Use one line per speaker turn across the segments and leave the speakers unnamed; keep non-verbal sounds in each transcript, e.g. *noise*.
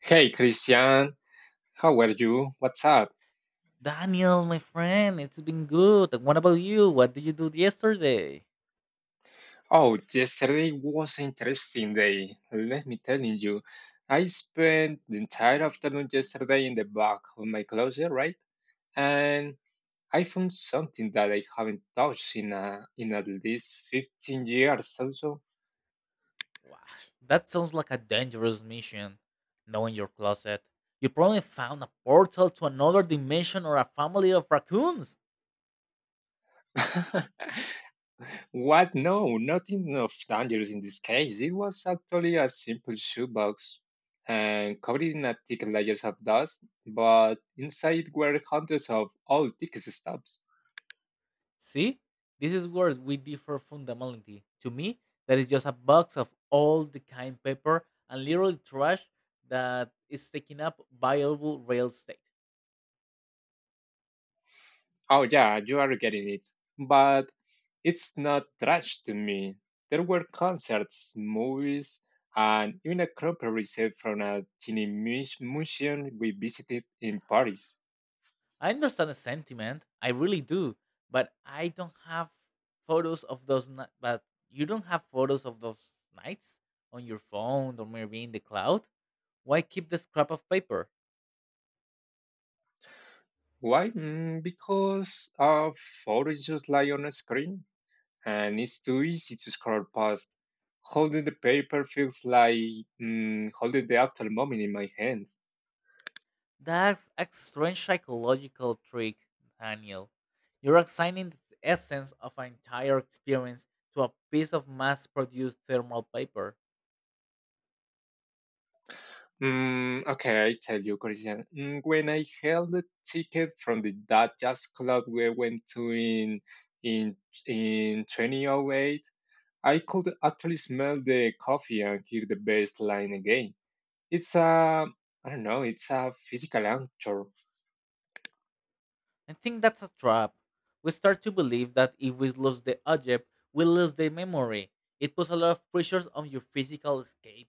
Hey Christian, how are you? What's up?
Daniel, my friend, it's been good. What about you? What did you do yesterday?
Oh, yesterday was an interesting day. Let me tell you, I spent the entire afternoon yesterday in the back of my closet, right? And I found something that I haven't touched in in at least 15 years or so.
Wow, that sounds like a dangerous mission. Knowing your closet, you probably found a portal to another dimension or a family of raccoons.
*laughs* What? No, not enough dangers in this case. It was actually a simple shoebox and covered in a thick layers of dust, but inside were hundreds of old ticket stubs.
See, this is where we differ fundamentally. To me, that is just a box of all the kind paper and literally trash that is taking up valuable real estate.
Oh yeah, you are getting it. But it's not trash to me. There were concerts, movies, and even a crumple receipt from a tiny museum we visited in Paris.
I understand the sentiment. I really do, but I don't have photos of those. But you don't have photos of those nights on your phone or maybe in the cloud. Why keep the scrap of paper?
Why? Because our photos just lie on a screen and it's too easy to scroll past. Holding the paper feels like holding the actual moment in my hand.
That's a strange psychological trick, Daniel. You're assigning the essence of an entire experience to a piece of mass-produced thermal paper.
Okay, I tell you, Christian. When I held the ticket from the that jazz club we went to in in 2008, I could actually smell the coffee and hear the bass line again. It's a I don't know. It's a physical anchor.
I think that's a trap. We start to believe that if we lose the object, we lose the memory. It puts a lot of pressures on your physical escape.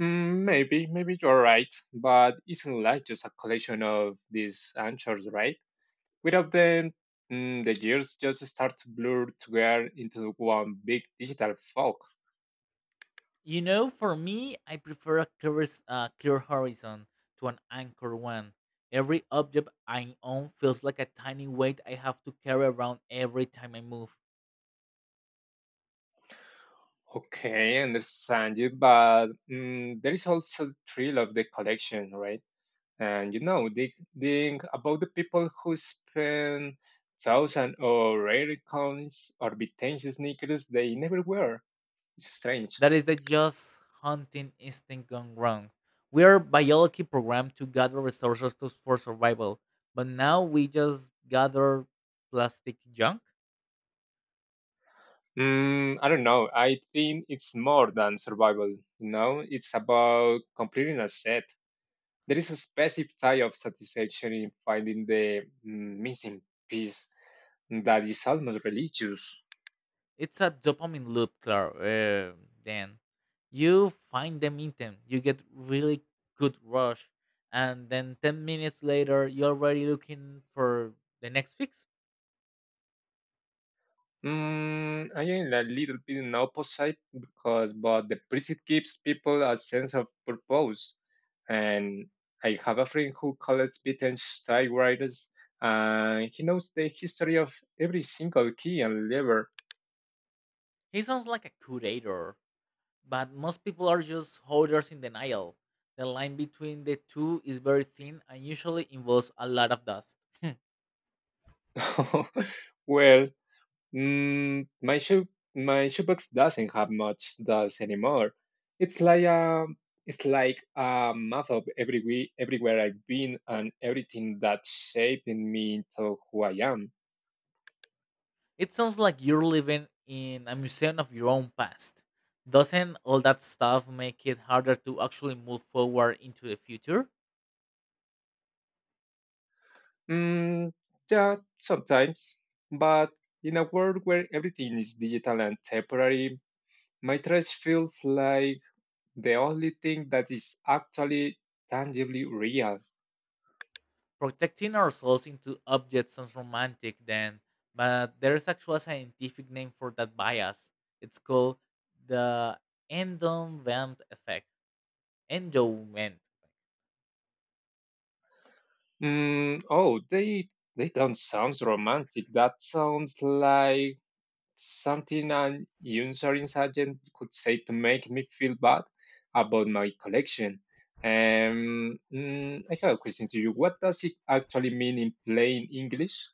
Maybe, maybe you're right, but isn't life just a collection of these answers, right? Without them, the years just start to blur together into one big digital fog.
You know, for me, I prefer a clear, clear horizon to an anchor one. Every object I own feels like a tiny weight I have to carry around every time I move.
Okay, I understand you, but there is also the thrill of the collection, right? And you know they think about the people who spend thousand or rare coins or vintage sneakers they never wear. It's strange.
That is the just hunting instinct gone wrong. We are biology programmed to gather resources to, for survival, but now we just gather plastic junk.
I don't know, I think it's more than survival, you know, it's about completing a set. There is a specific type of satisfaction in finding the missing piece that is almost religious.
It's a dopamine loop, Claire. Then you find them item, you get really good rush, and then 10 minutes later, you're already looking for the next fix.
I am a little bit in opposite because, but the preset gives people a sense of purpose. And I have a friend who collects vintage typewriters, and he knows the history of every single key and lever.
He sounds like a curator, but most people are just holders in denial. The line between the two is very thin and usually involves a lot of dust. *laughs* Hmm.
*laughs* Well, Mm, my shoe my shoebox doesn't have much dust anymore. It's like a it's like a map of everywhere I've been and everything that shaped me into who I am.
It sounds like you're living in a museum of your own past. Doesn't all that stuff make it harder to actually move forward into the future?
Mm, yeah, sometimes, but in a world where everything is digital and temporary, my trash feels like the only thing that is actually tangibly real.
Protecting ourselves into objects sounds romantic then, but there is actually a scientific name for that bias. It's called the endowment effect. Endowment.
Oh, they don't sound romantic. That sounds like something an insurance agent could say to make me feel bad about my collection. I have a question to you. What does it actually mean in plain English?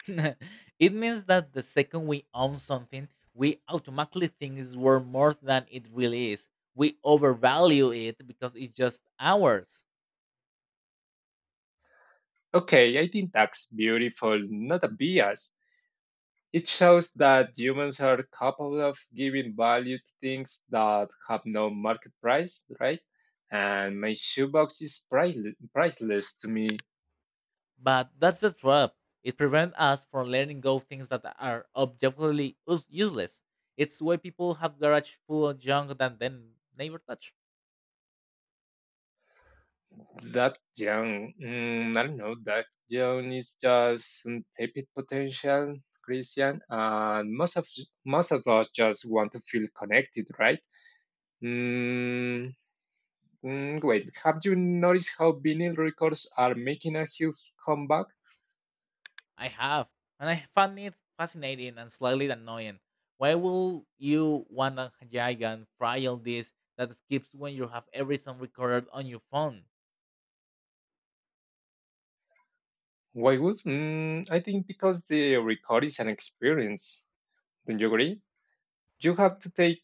*laughs* It means that the second we own something, we automatically think it's worth more than it really is. We overvalue it because it's just ours.
Okay, I think that's beautiful, not a bias. It shows that humans are capable of giving value to things that have no market price, right? And my shoebox is priceless, priceless to me.
But that's the trap. It prevents us from letting go of things that are objectively useless. It's why people have garage full of junk that then never touch.
That young, I don't know, that young is just untapped potential, Christian. And most of us just want to feel connected, right? Mm, Wait, have you noticed how vinyl records are making a huge comeback?
I have, and I found it fascinating and slightly annoying. Why will you want a giant fragile disk that skips when you have every song recorded on your phone?
Why would? I think because the record is an experience. Don't you agree? You have to take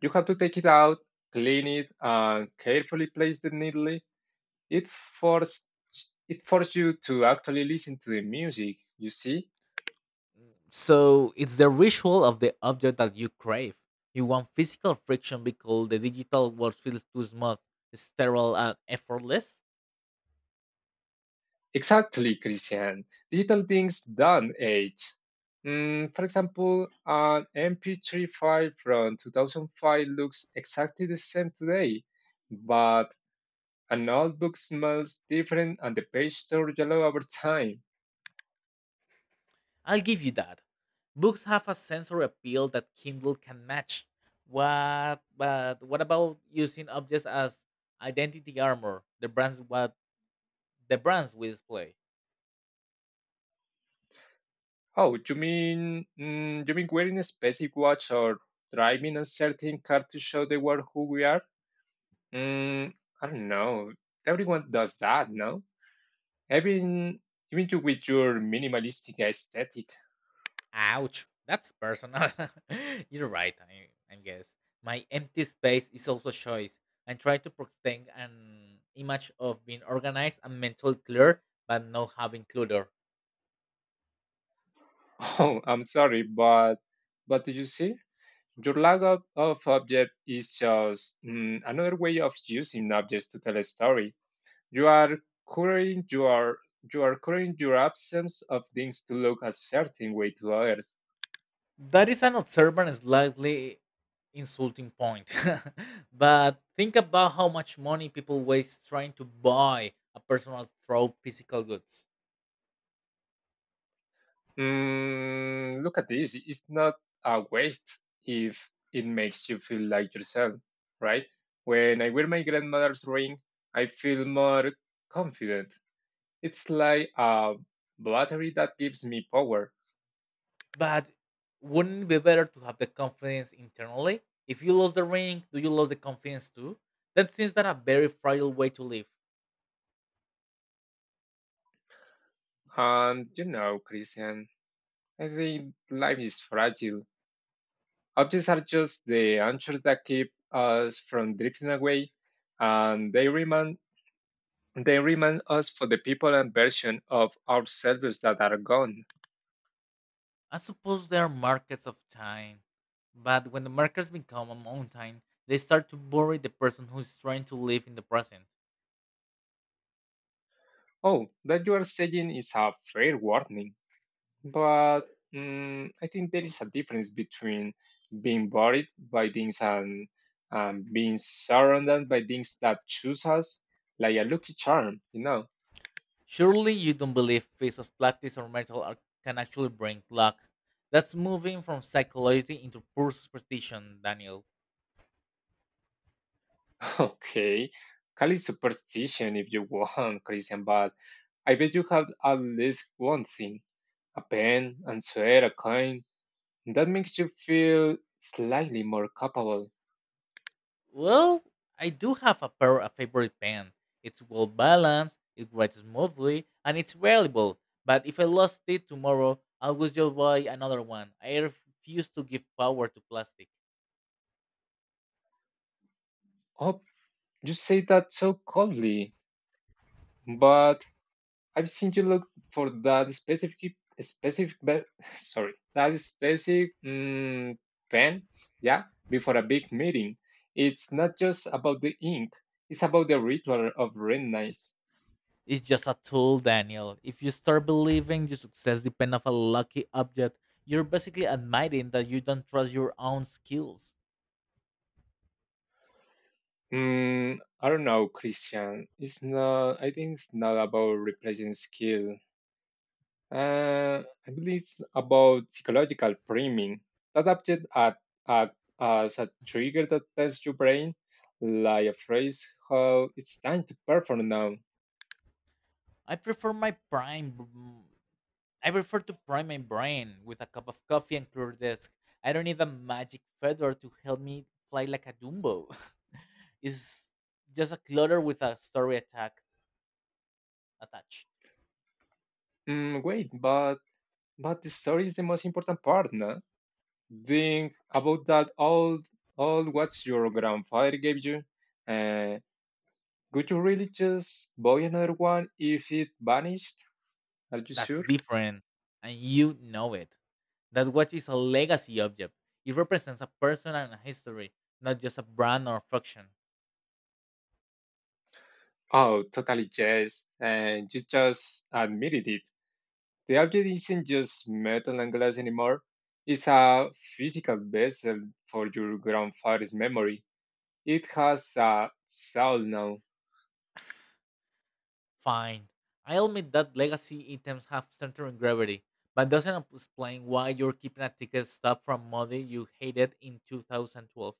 you have to take it out, clean it, and carefully place the needle. It forced it forces you to actually listen to the music. You see?
So it's the ritual of the object that you crave. You want physical friction because the digital world feels too smooth, sterile, and effortless.
Exactly, Christian. Digital things done age. For example, an MP3 file from 2005 looks exactly the same today, but an old book smells different and the page turns yellow over time.
I'll give you that. Books have a sensory appeal that Kindle can match. What, but what about using objects as identity armor? The brands we display.
Oh, you mean you mean wearing a specific watch or driving a certain car to show the world who we are? Mm, I don't know. Everyone does that, no? Even even you with your minimalistic aesthetic.
Ouch, that's personal. *laughs* You're right, I guess. My empty space is also a choice. I try to protect an image of being organized and mentally clear, but not having clutter.
Oh, I'm sorry, but did you see? Your lack of object is just another way of using objects to tell a story. You are curing your you are curing your absence of things to look a certain way to others.
That is an observant, slightly insulting point. *laughs* But think about how much money people waste trying to buy a personal throw physical goods.
Look at this. It's not a waste if it makes you feel like yourself, right? When I wear my grandmother's ring, I feel more confident. It's like a battery that gives me power.
But wouldn't it be better to have the confidence internally? If you lose the ring, do you lose the confidence too? That seems that a very fragile way to live.
And you know, Christian, I think life is fragile. Objects are just the anchors that keep us from drifting away, and they remind us for the people and version of ourselves that are gone.
I suppose there are markets of time, but when the markets become a mountain, they start to bury the person who is trying to live in the present.
Oh, that you are saying is a fair warning, but I think there is a difference between being buried by things and being surrounded by things that choose us, like a lucky charm, you know.
Surely you don't believe piece of practice or metal art can actually bring luck. That's moving from psychology into pure superstition, Daniel.
*laughs* Okay, call it superstition if you want, Christian, but I bet you have at least one thing, a pen, and swear, a coin, that makes you feel slightly more capable.
Well, I do have a pair of favorite pen. It's well balanced, it writes smoothly, and it's reliable. But if I lost it tomorrow, I will just buy another one. I refuse to give power to plastic.
Oh, you say that so coldly, but I've seen you look for that specific, *laughs* sorry, that specific pen, yeah, before a big meeting. It's not just about the ink, it's about the ritual of redness.
It's just a tool, Daniel. If you start believing your success depends on a lucky object, you're basically admitting that you don't trust your own skills.
I don't know, Christian. It's not, I think it's not about replacing skill. I believe it's about psychological priming, that object at as a trigger that tells your brain, like a phrase, how it's time to perform now.
I prefer my prime. mm, I prefer to prime my brain with a cup of coffee and clear desk. I don't need a magic feather to help me fly like a Dumbo. *laughs* It's just a clutter with a story attack attached.
Wait, but the story is the most important part, no? Think about that all what your grandfather gave you. Uh, would you really just buy another one if it vanished? Are you
That's
sure?
different, and you know it. That watch is a legacy object. It represents a person and a history, not just a brand or function.
Oh, totally yes. And you just admitted it. The object isn't just metal and glass anymore. It's a physical vessel for your grandfather's memory. It has a soul now.
Fine. I admit that legacy items have centering gravity, but doesn't explain why you're keeping a ticket stub from Modi you hated in 2012.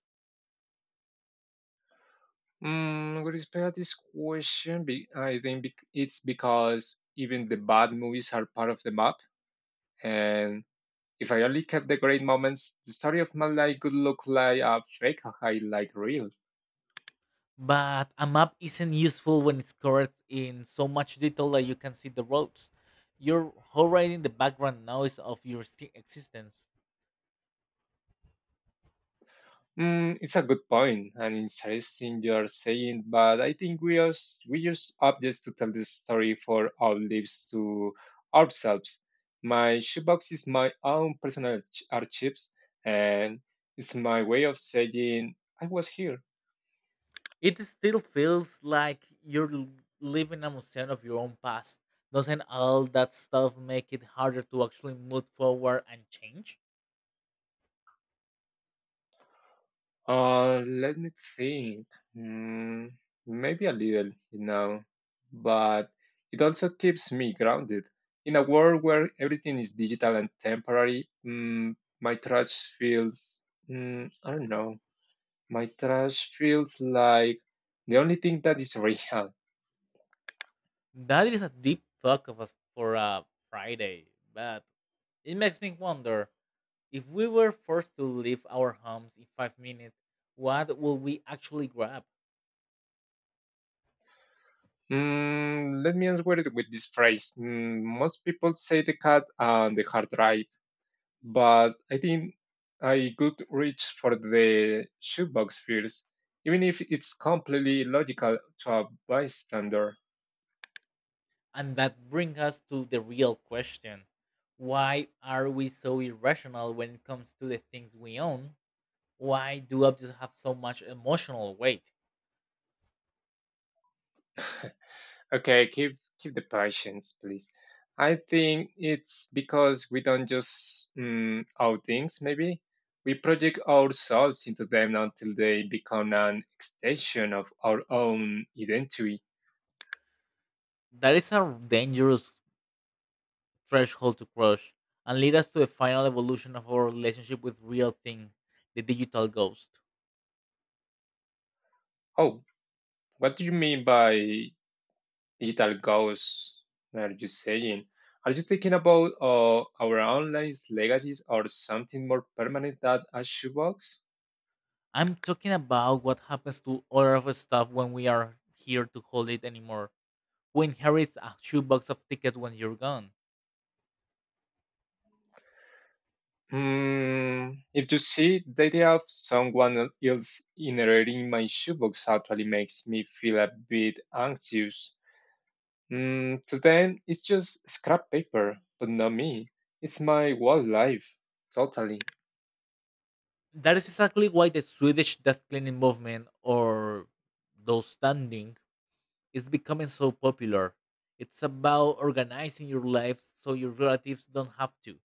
With respect to this question, I think it's because even the bad movies are part of the map, and if I only kept the great moments, the story of my life would look like a fake highlight reel.
But a map isn't useful when it's covered in so much detail that you can see the roads. You're overriding the background noise of your existence.
It's a good point and interesting you're saying, but I think we use objects to tell the story for our lives to ourselves. My shoebox is my own personal archives, and it's my way of saying I was here.
It still feels like you're living a museum of your own past. Doesn't all that stuff make it harder to actually move forward and change?
Let me think. Mm, Maybe a little, you know, but it also keeps me grounded. In a world where everything is digital and temporary, mm, my trash feels, mm, I don't know, my trash feels like the only thing that is real.
That is a deep talk of us for a Friday, but it makes me wonder if we were forced to leave our homes in 5 minutes, what would we actually grab?
Let me answer it with this phrase. Most people say the cat and the hard drive. But I think I could reach for the shoebox first, even if it's completely logical to a bystander.
And that brings us to the real question. Why are we so irrational when it comes to the things we own? Why do objects have so much emotional weight?
Okay, keep the patience, please. I think it's because we don't just out things. Maybe we project ourselves into them until they become an extension of our own identity.
That is a dangerous threshold to cross and lead us to the final evolution of our relationship with real thing, the digital ghost.
Oh, what do you mean by digital goals are you saying? Are you thinking about our online legacies or something more permanent than a shoebox?
I'm talking about what happens to all of us stuff when we are here to hold it anymore. Who inherits a shoebox of tickets when you're gone?
Hmm, if you see, the idea of someone else inheriting my shoebox actually makes me feel a bit anxious. To them, it's just scrap paper, but not me. It's my whole life, totally.
That is exactly why the Swedish death cleaning movement, or those standing, is becoming so popular. It's about organizing your life so your relatives don't have to.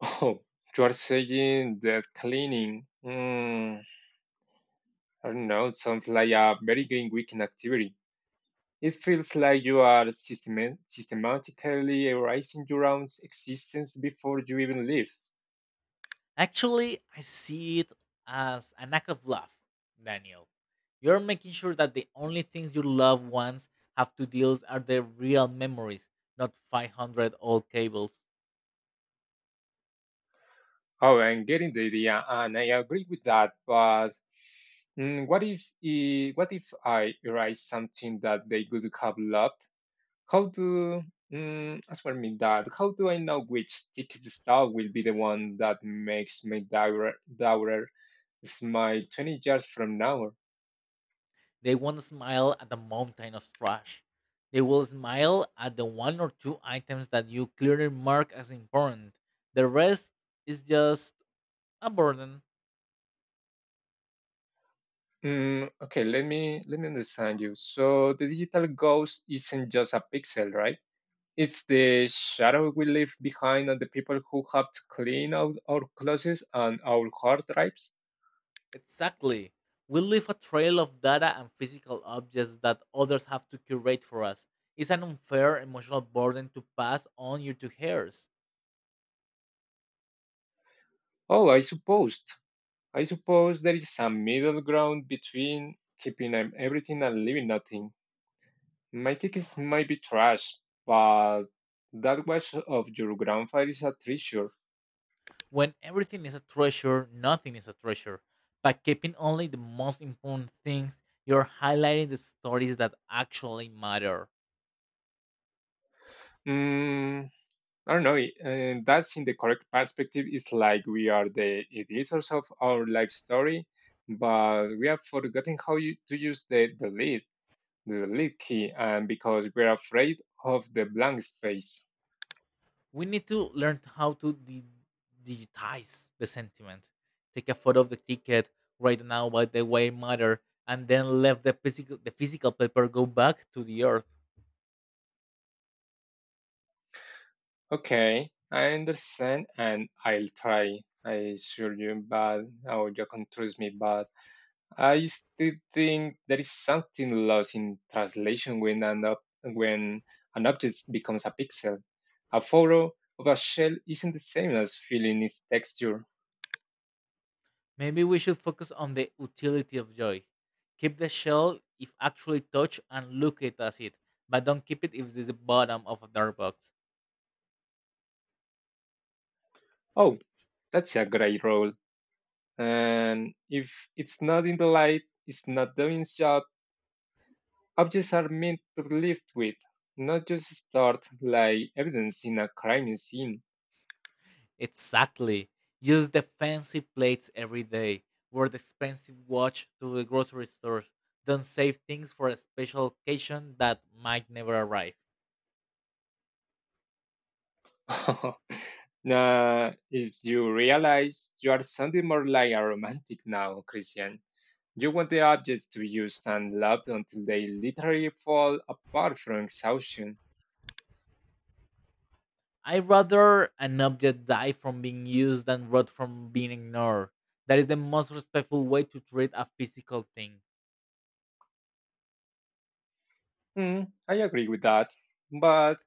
*laughs* Oh, you are saying that cleaning. Hmm. I don't know, it sounds like a very green weekend activity. It feels like you are systematically erasing your own existence before you even leave.
Actually, I see it as an act of love, Daniel. You're making sure that the only things your loved ones have to deal are their real memories, not 500 old cables.
Oh, I'm getting the idea, and I agree with that. But what if I erase something that they could have loved? How do as for me that how do I know which sticky star will be the one that makes my daughter smile 20 years from now?
They won't smile at the mountain of trash. They will smile at the one or two items that you clearly mark as important. The rest is just a burden.
Okay, let me understand you. So the digital ghost isn't just a pixel, right? It's the shadow we leave behind on the people who have to clean out our closets and our hard drives.
Exactly. We leave a trail of data and physical objects that others have to curate for us. It's an unfair emotional burden to pass on your two hairs.
Oh, I suppose. I suppose there is some middle ground between keeping everything and leaving nothing. My tickets might be trash, but that watch of your grandfather is a treasure.
When everything is a treasure, nothing is a treasure. By keeping only the most important things, you're highlighting the stories that actually matter.
Mm, I don't know. That's in the correct perspective. It's like we are the editors of our life story, but we have forgotten to use the delete key, and because we're afraid of the blank space.
We need to learn how to digitize the sentiment, take a photo of the ticket, write down what the way matter, and then let the physical paper go back to the earth.
Okay, I understand and I'll try. I assure you, but oh, you can trust me. But I still think there is something lost in translation when an ob- when an object becomes a pixel. A photo of a shell isn't the same as feeling its texture.
Maybe we should focus on the utility of joy. Keep the shell if actually touch and look it as it, but don't keep it if it's the bottom of a dark box.
Oh, that's a great role. And if it's not in the light, it's not doing its job. Objects are meant to live with, not just stored like evidence in a crime scene.
Exactly. Use the fancy plates every day. Wear the expensive watch to the grocery store. Don't save things for a special occasion that might never arrive.
*laughs* Nah, if you realize you are sounding more like a romantic now, Christian. You want the objects to be used and loved until they literally fall apart from exhaustion.
I'd rather an object die from being used than rot from being ignored. That is the most respectful way to treat a physical thing.
Hmm, I agree with that, but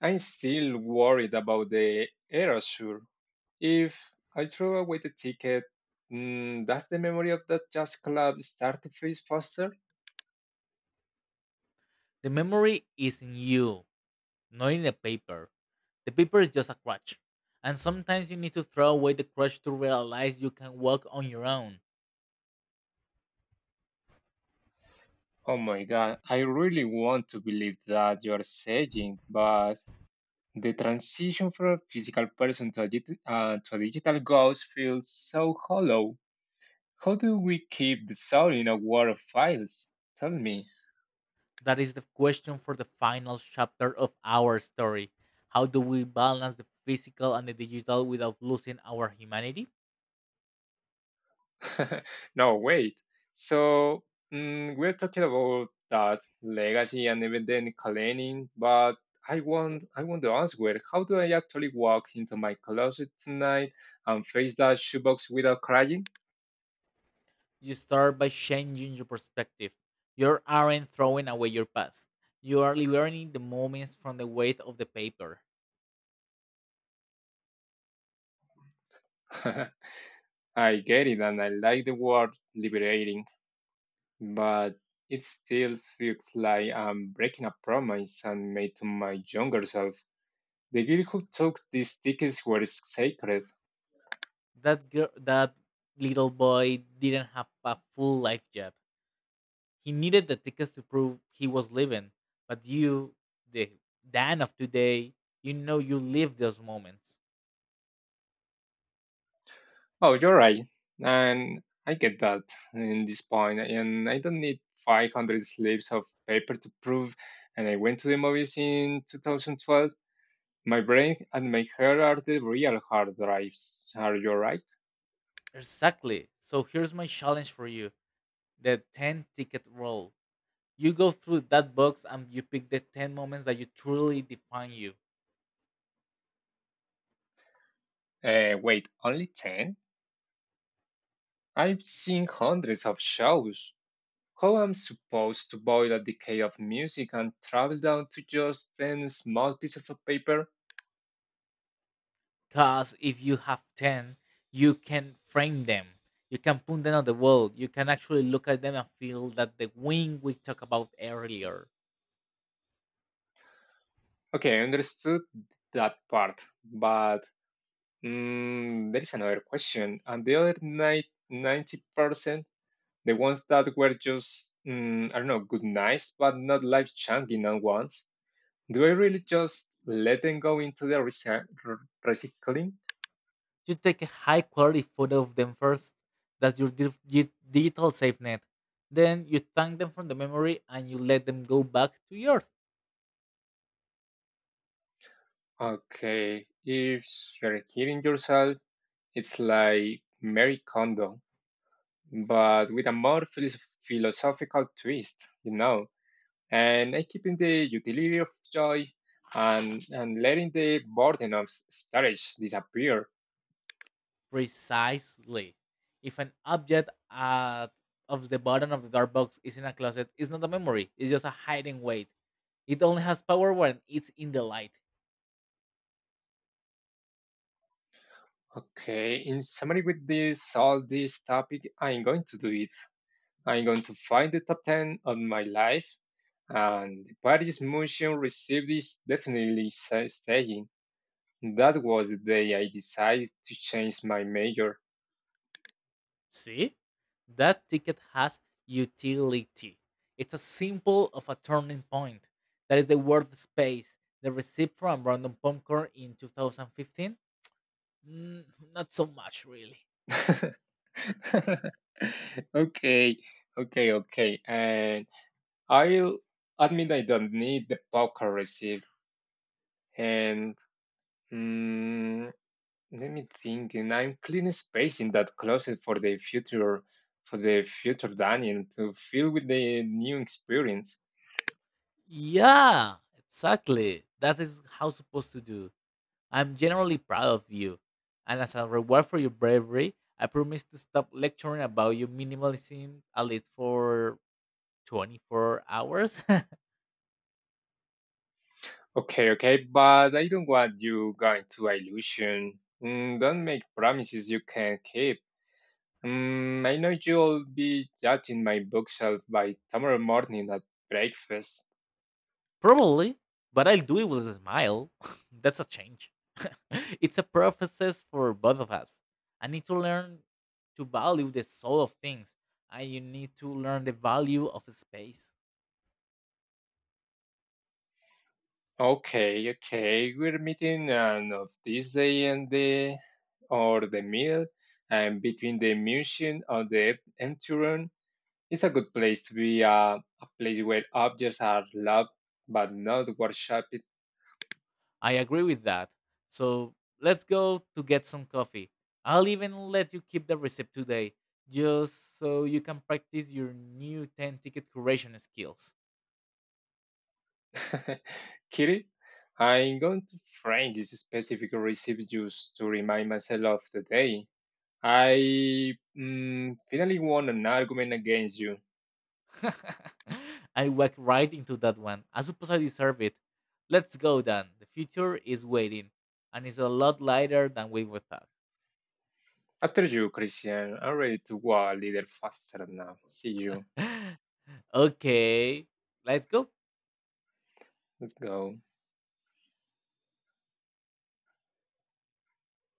I'm still worried about the erasure. If I throw away the ticket, does the memory of that jazz club start to freeze faster?
The memory is in you, not in the paper. The paper is just a crutch. And sometimes you need to throw away the crutch to realize you can walk on your own.
Oh my god, I really want to believe that you're saying, but the transition from a physical person to a, digi- to a digital ghost feels so hollow. How do we keep the soul in a war of files? Tell me.
That is the question for the final chapter of our story. How do we balance the physical and the digital without losing our humanity?
*laughs* No, wait. So, we're talking about that legacy and evident cleaning, but I want the answer. How do I actually walk into my closet tonight and face that shoebox without crying?
You start by changing your perspective. You aren't throwing away your past. You are learning the moments from the weight of the paper.
*laughs* I get it, and I like the word liberating. But it still feels like I'm breaking a promise and made to my younger self. The girl who took these tickets were sacred.
That girl, that little boy didn't have a full life yet. He needed the tickets to prove he was living. But you, the Dan of today, you know you live those moments.
Oh, you're right. And I get that in this point, and I don't need 500 slips of paper to prove. And I went to the movies in 2012. My brain and my hair are the real hard drives. Are you right?
Exactly. So here's my challenge for you, the 10 ticket rule. You go through that box and you pick the 10 moments that you truly define you.
Eh, wait, only 10? I've seen hundreds of shows. How am I supposed to boil a decade of music and travel down to just 10 small pieces of paper?
Because if you have 10, you can frame them. You can put them on the wall. You can actually look at them and feel that the wing we talked about earlier.
Okay, I understood that part, but there is another question. And the other 90%? The ones that were just, I don't know, good nights, but not life changing ones. Do I really just let them go into the recycling?
You take a high quality photo of them first. That's your digital safe net. Then you thank them from the memory and you let them go back to yours.
Okay, if you're kidding yourself, it's like Mary Kondo, but with a more philosophical twist, you know, and I keeping the utility of joy and letting the burden of storage disappear.
Precisely. If an of the bottom of the dark box is in a closet, it's not a memory, it's just a hiding weight. It only has power when it's in the light.
Okay, in summary with this all this topic, I'm going to do it. I'm going to find the top 10 of my life and the Paris Motion received is definitely staying. That was the day I decided to change my major.
See? That ticket has utility. It's a symbol of a turning point. That is the word space. The receipt from Brandon Popcorn in 2015? Mm, not so much, really.
*laughs* Okay, okay. And I'll admit I don't need the poker receipt and mm, let me think, and I'm cleaning space in that closet for the future Daniel to fill with the new experience.
Yeah, exactly. That is how it's supposed to do. I'm generally proud of you. And as a reward for your bravery, I promise to stop lecturing about your minimalism at least for 24 hours.
Okay, okay, but I don't want you going to illusion. Don't make promises you can't keep. I know you'll be judging my bookshelf by tomorrow morning at breakfast.
*laughs* Probably, but I'll do it with a smile. *laughs* That's a change. *laughs* It's a process for both of us. I need to learn to value the soul of things, and you need to learn the value of space.
Okay, okay. We're meeting on of this day and the or the meal, and between the museum and the enturon, it's a good place to be. A place where objects are loved but not worshipped.
I agree with that. So let's go to get some coffee. I'll even let you keep the receipt today, just so you can practice your new 10 ticket curation skills.
*laughs* Kitty, I'm going to frame this specific recipe just to remind myself of the day. I finally won an argument against you.
*laughs* I walked right into that one. I suppose I deserve it. Let's go, Dan. The future is waiting, and it's a lot lighter than we would thought.
After you, Christian. I'm ready to go a little faster now. See you.
*laughs* Okay, let's go.
Let's go.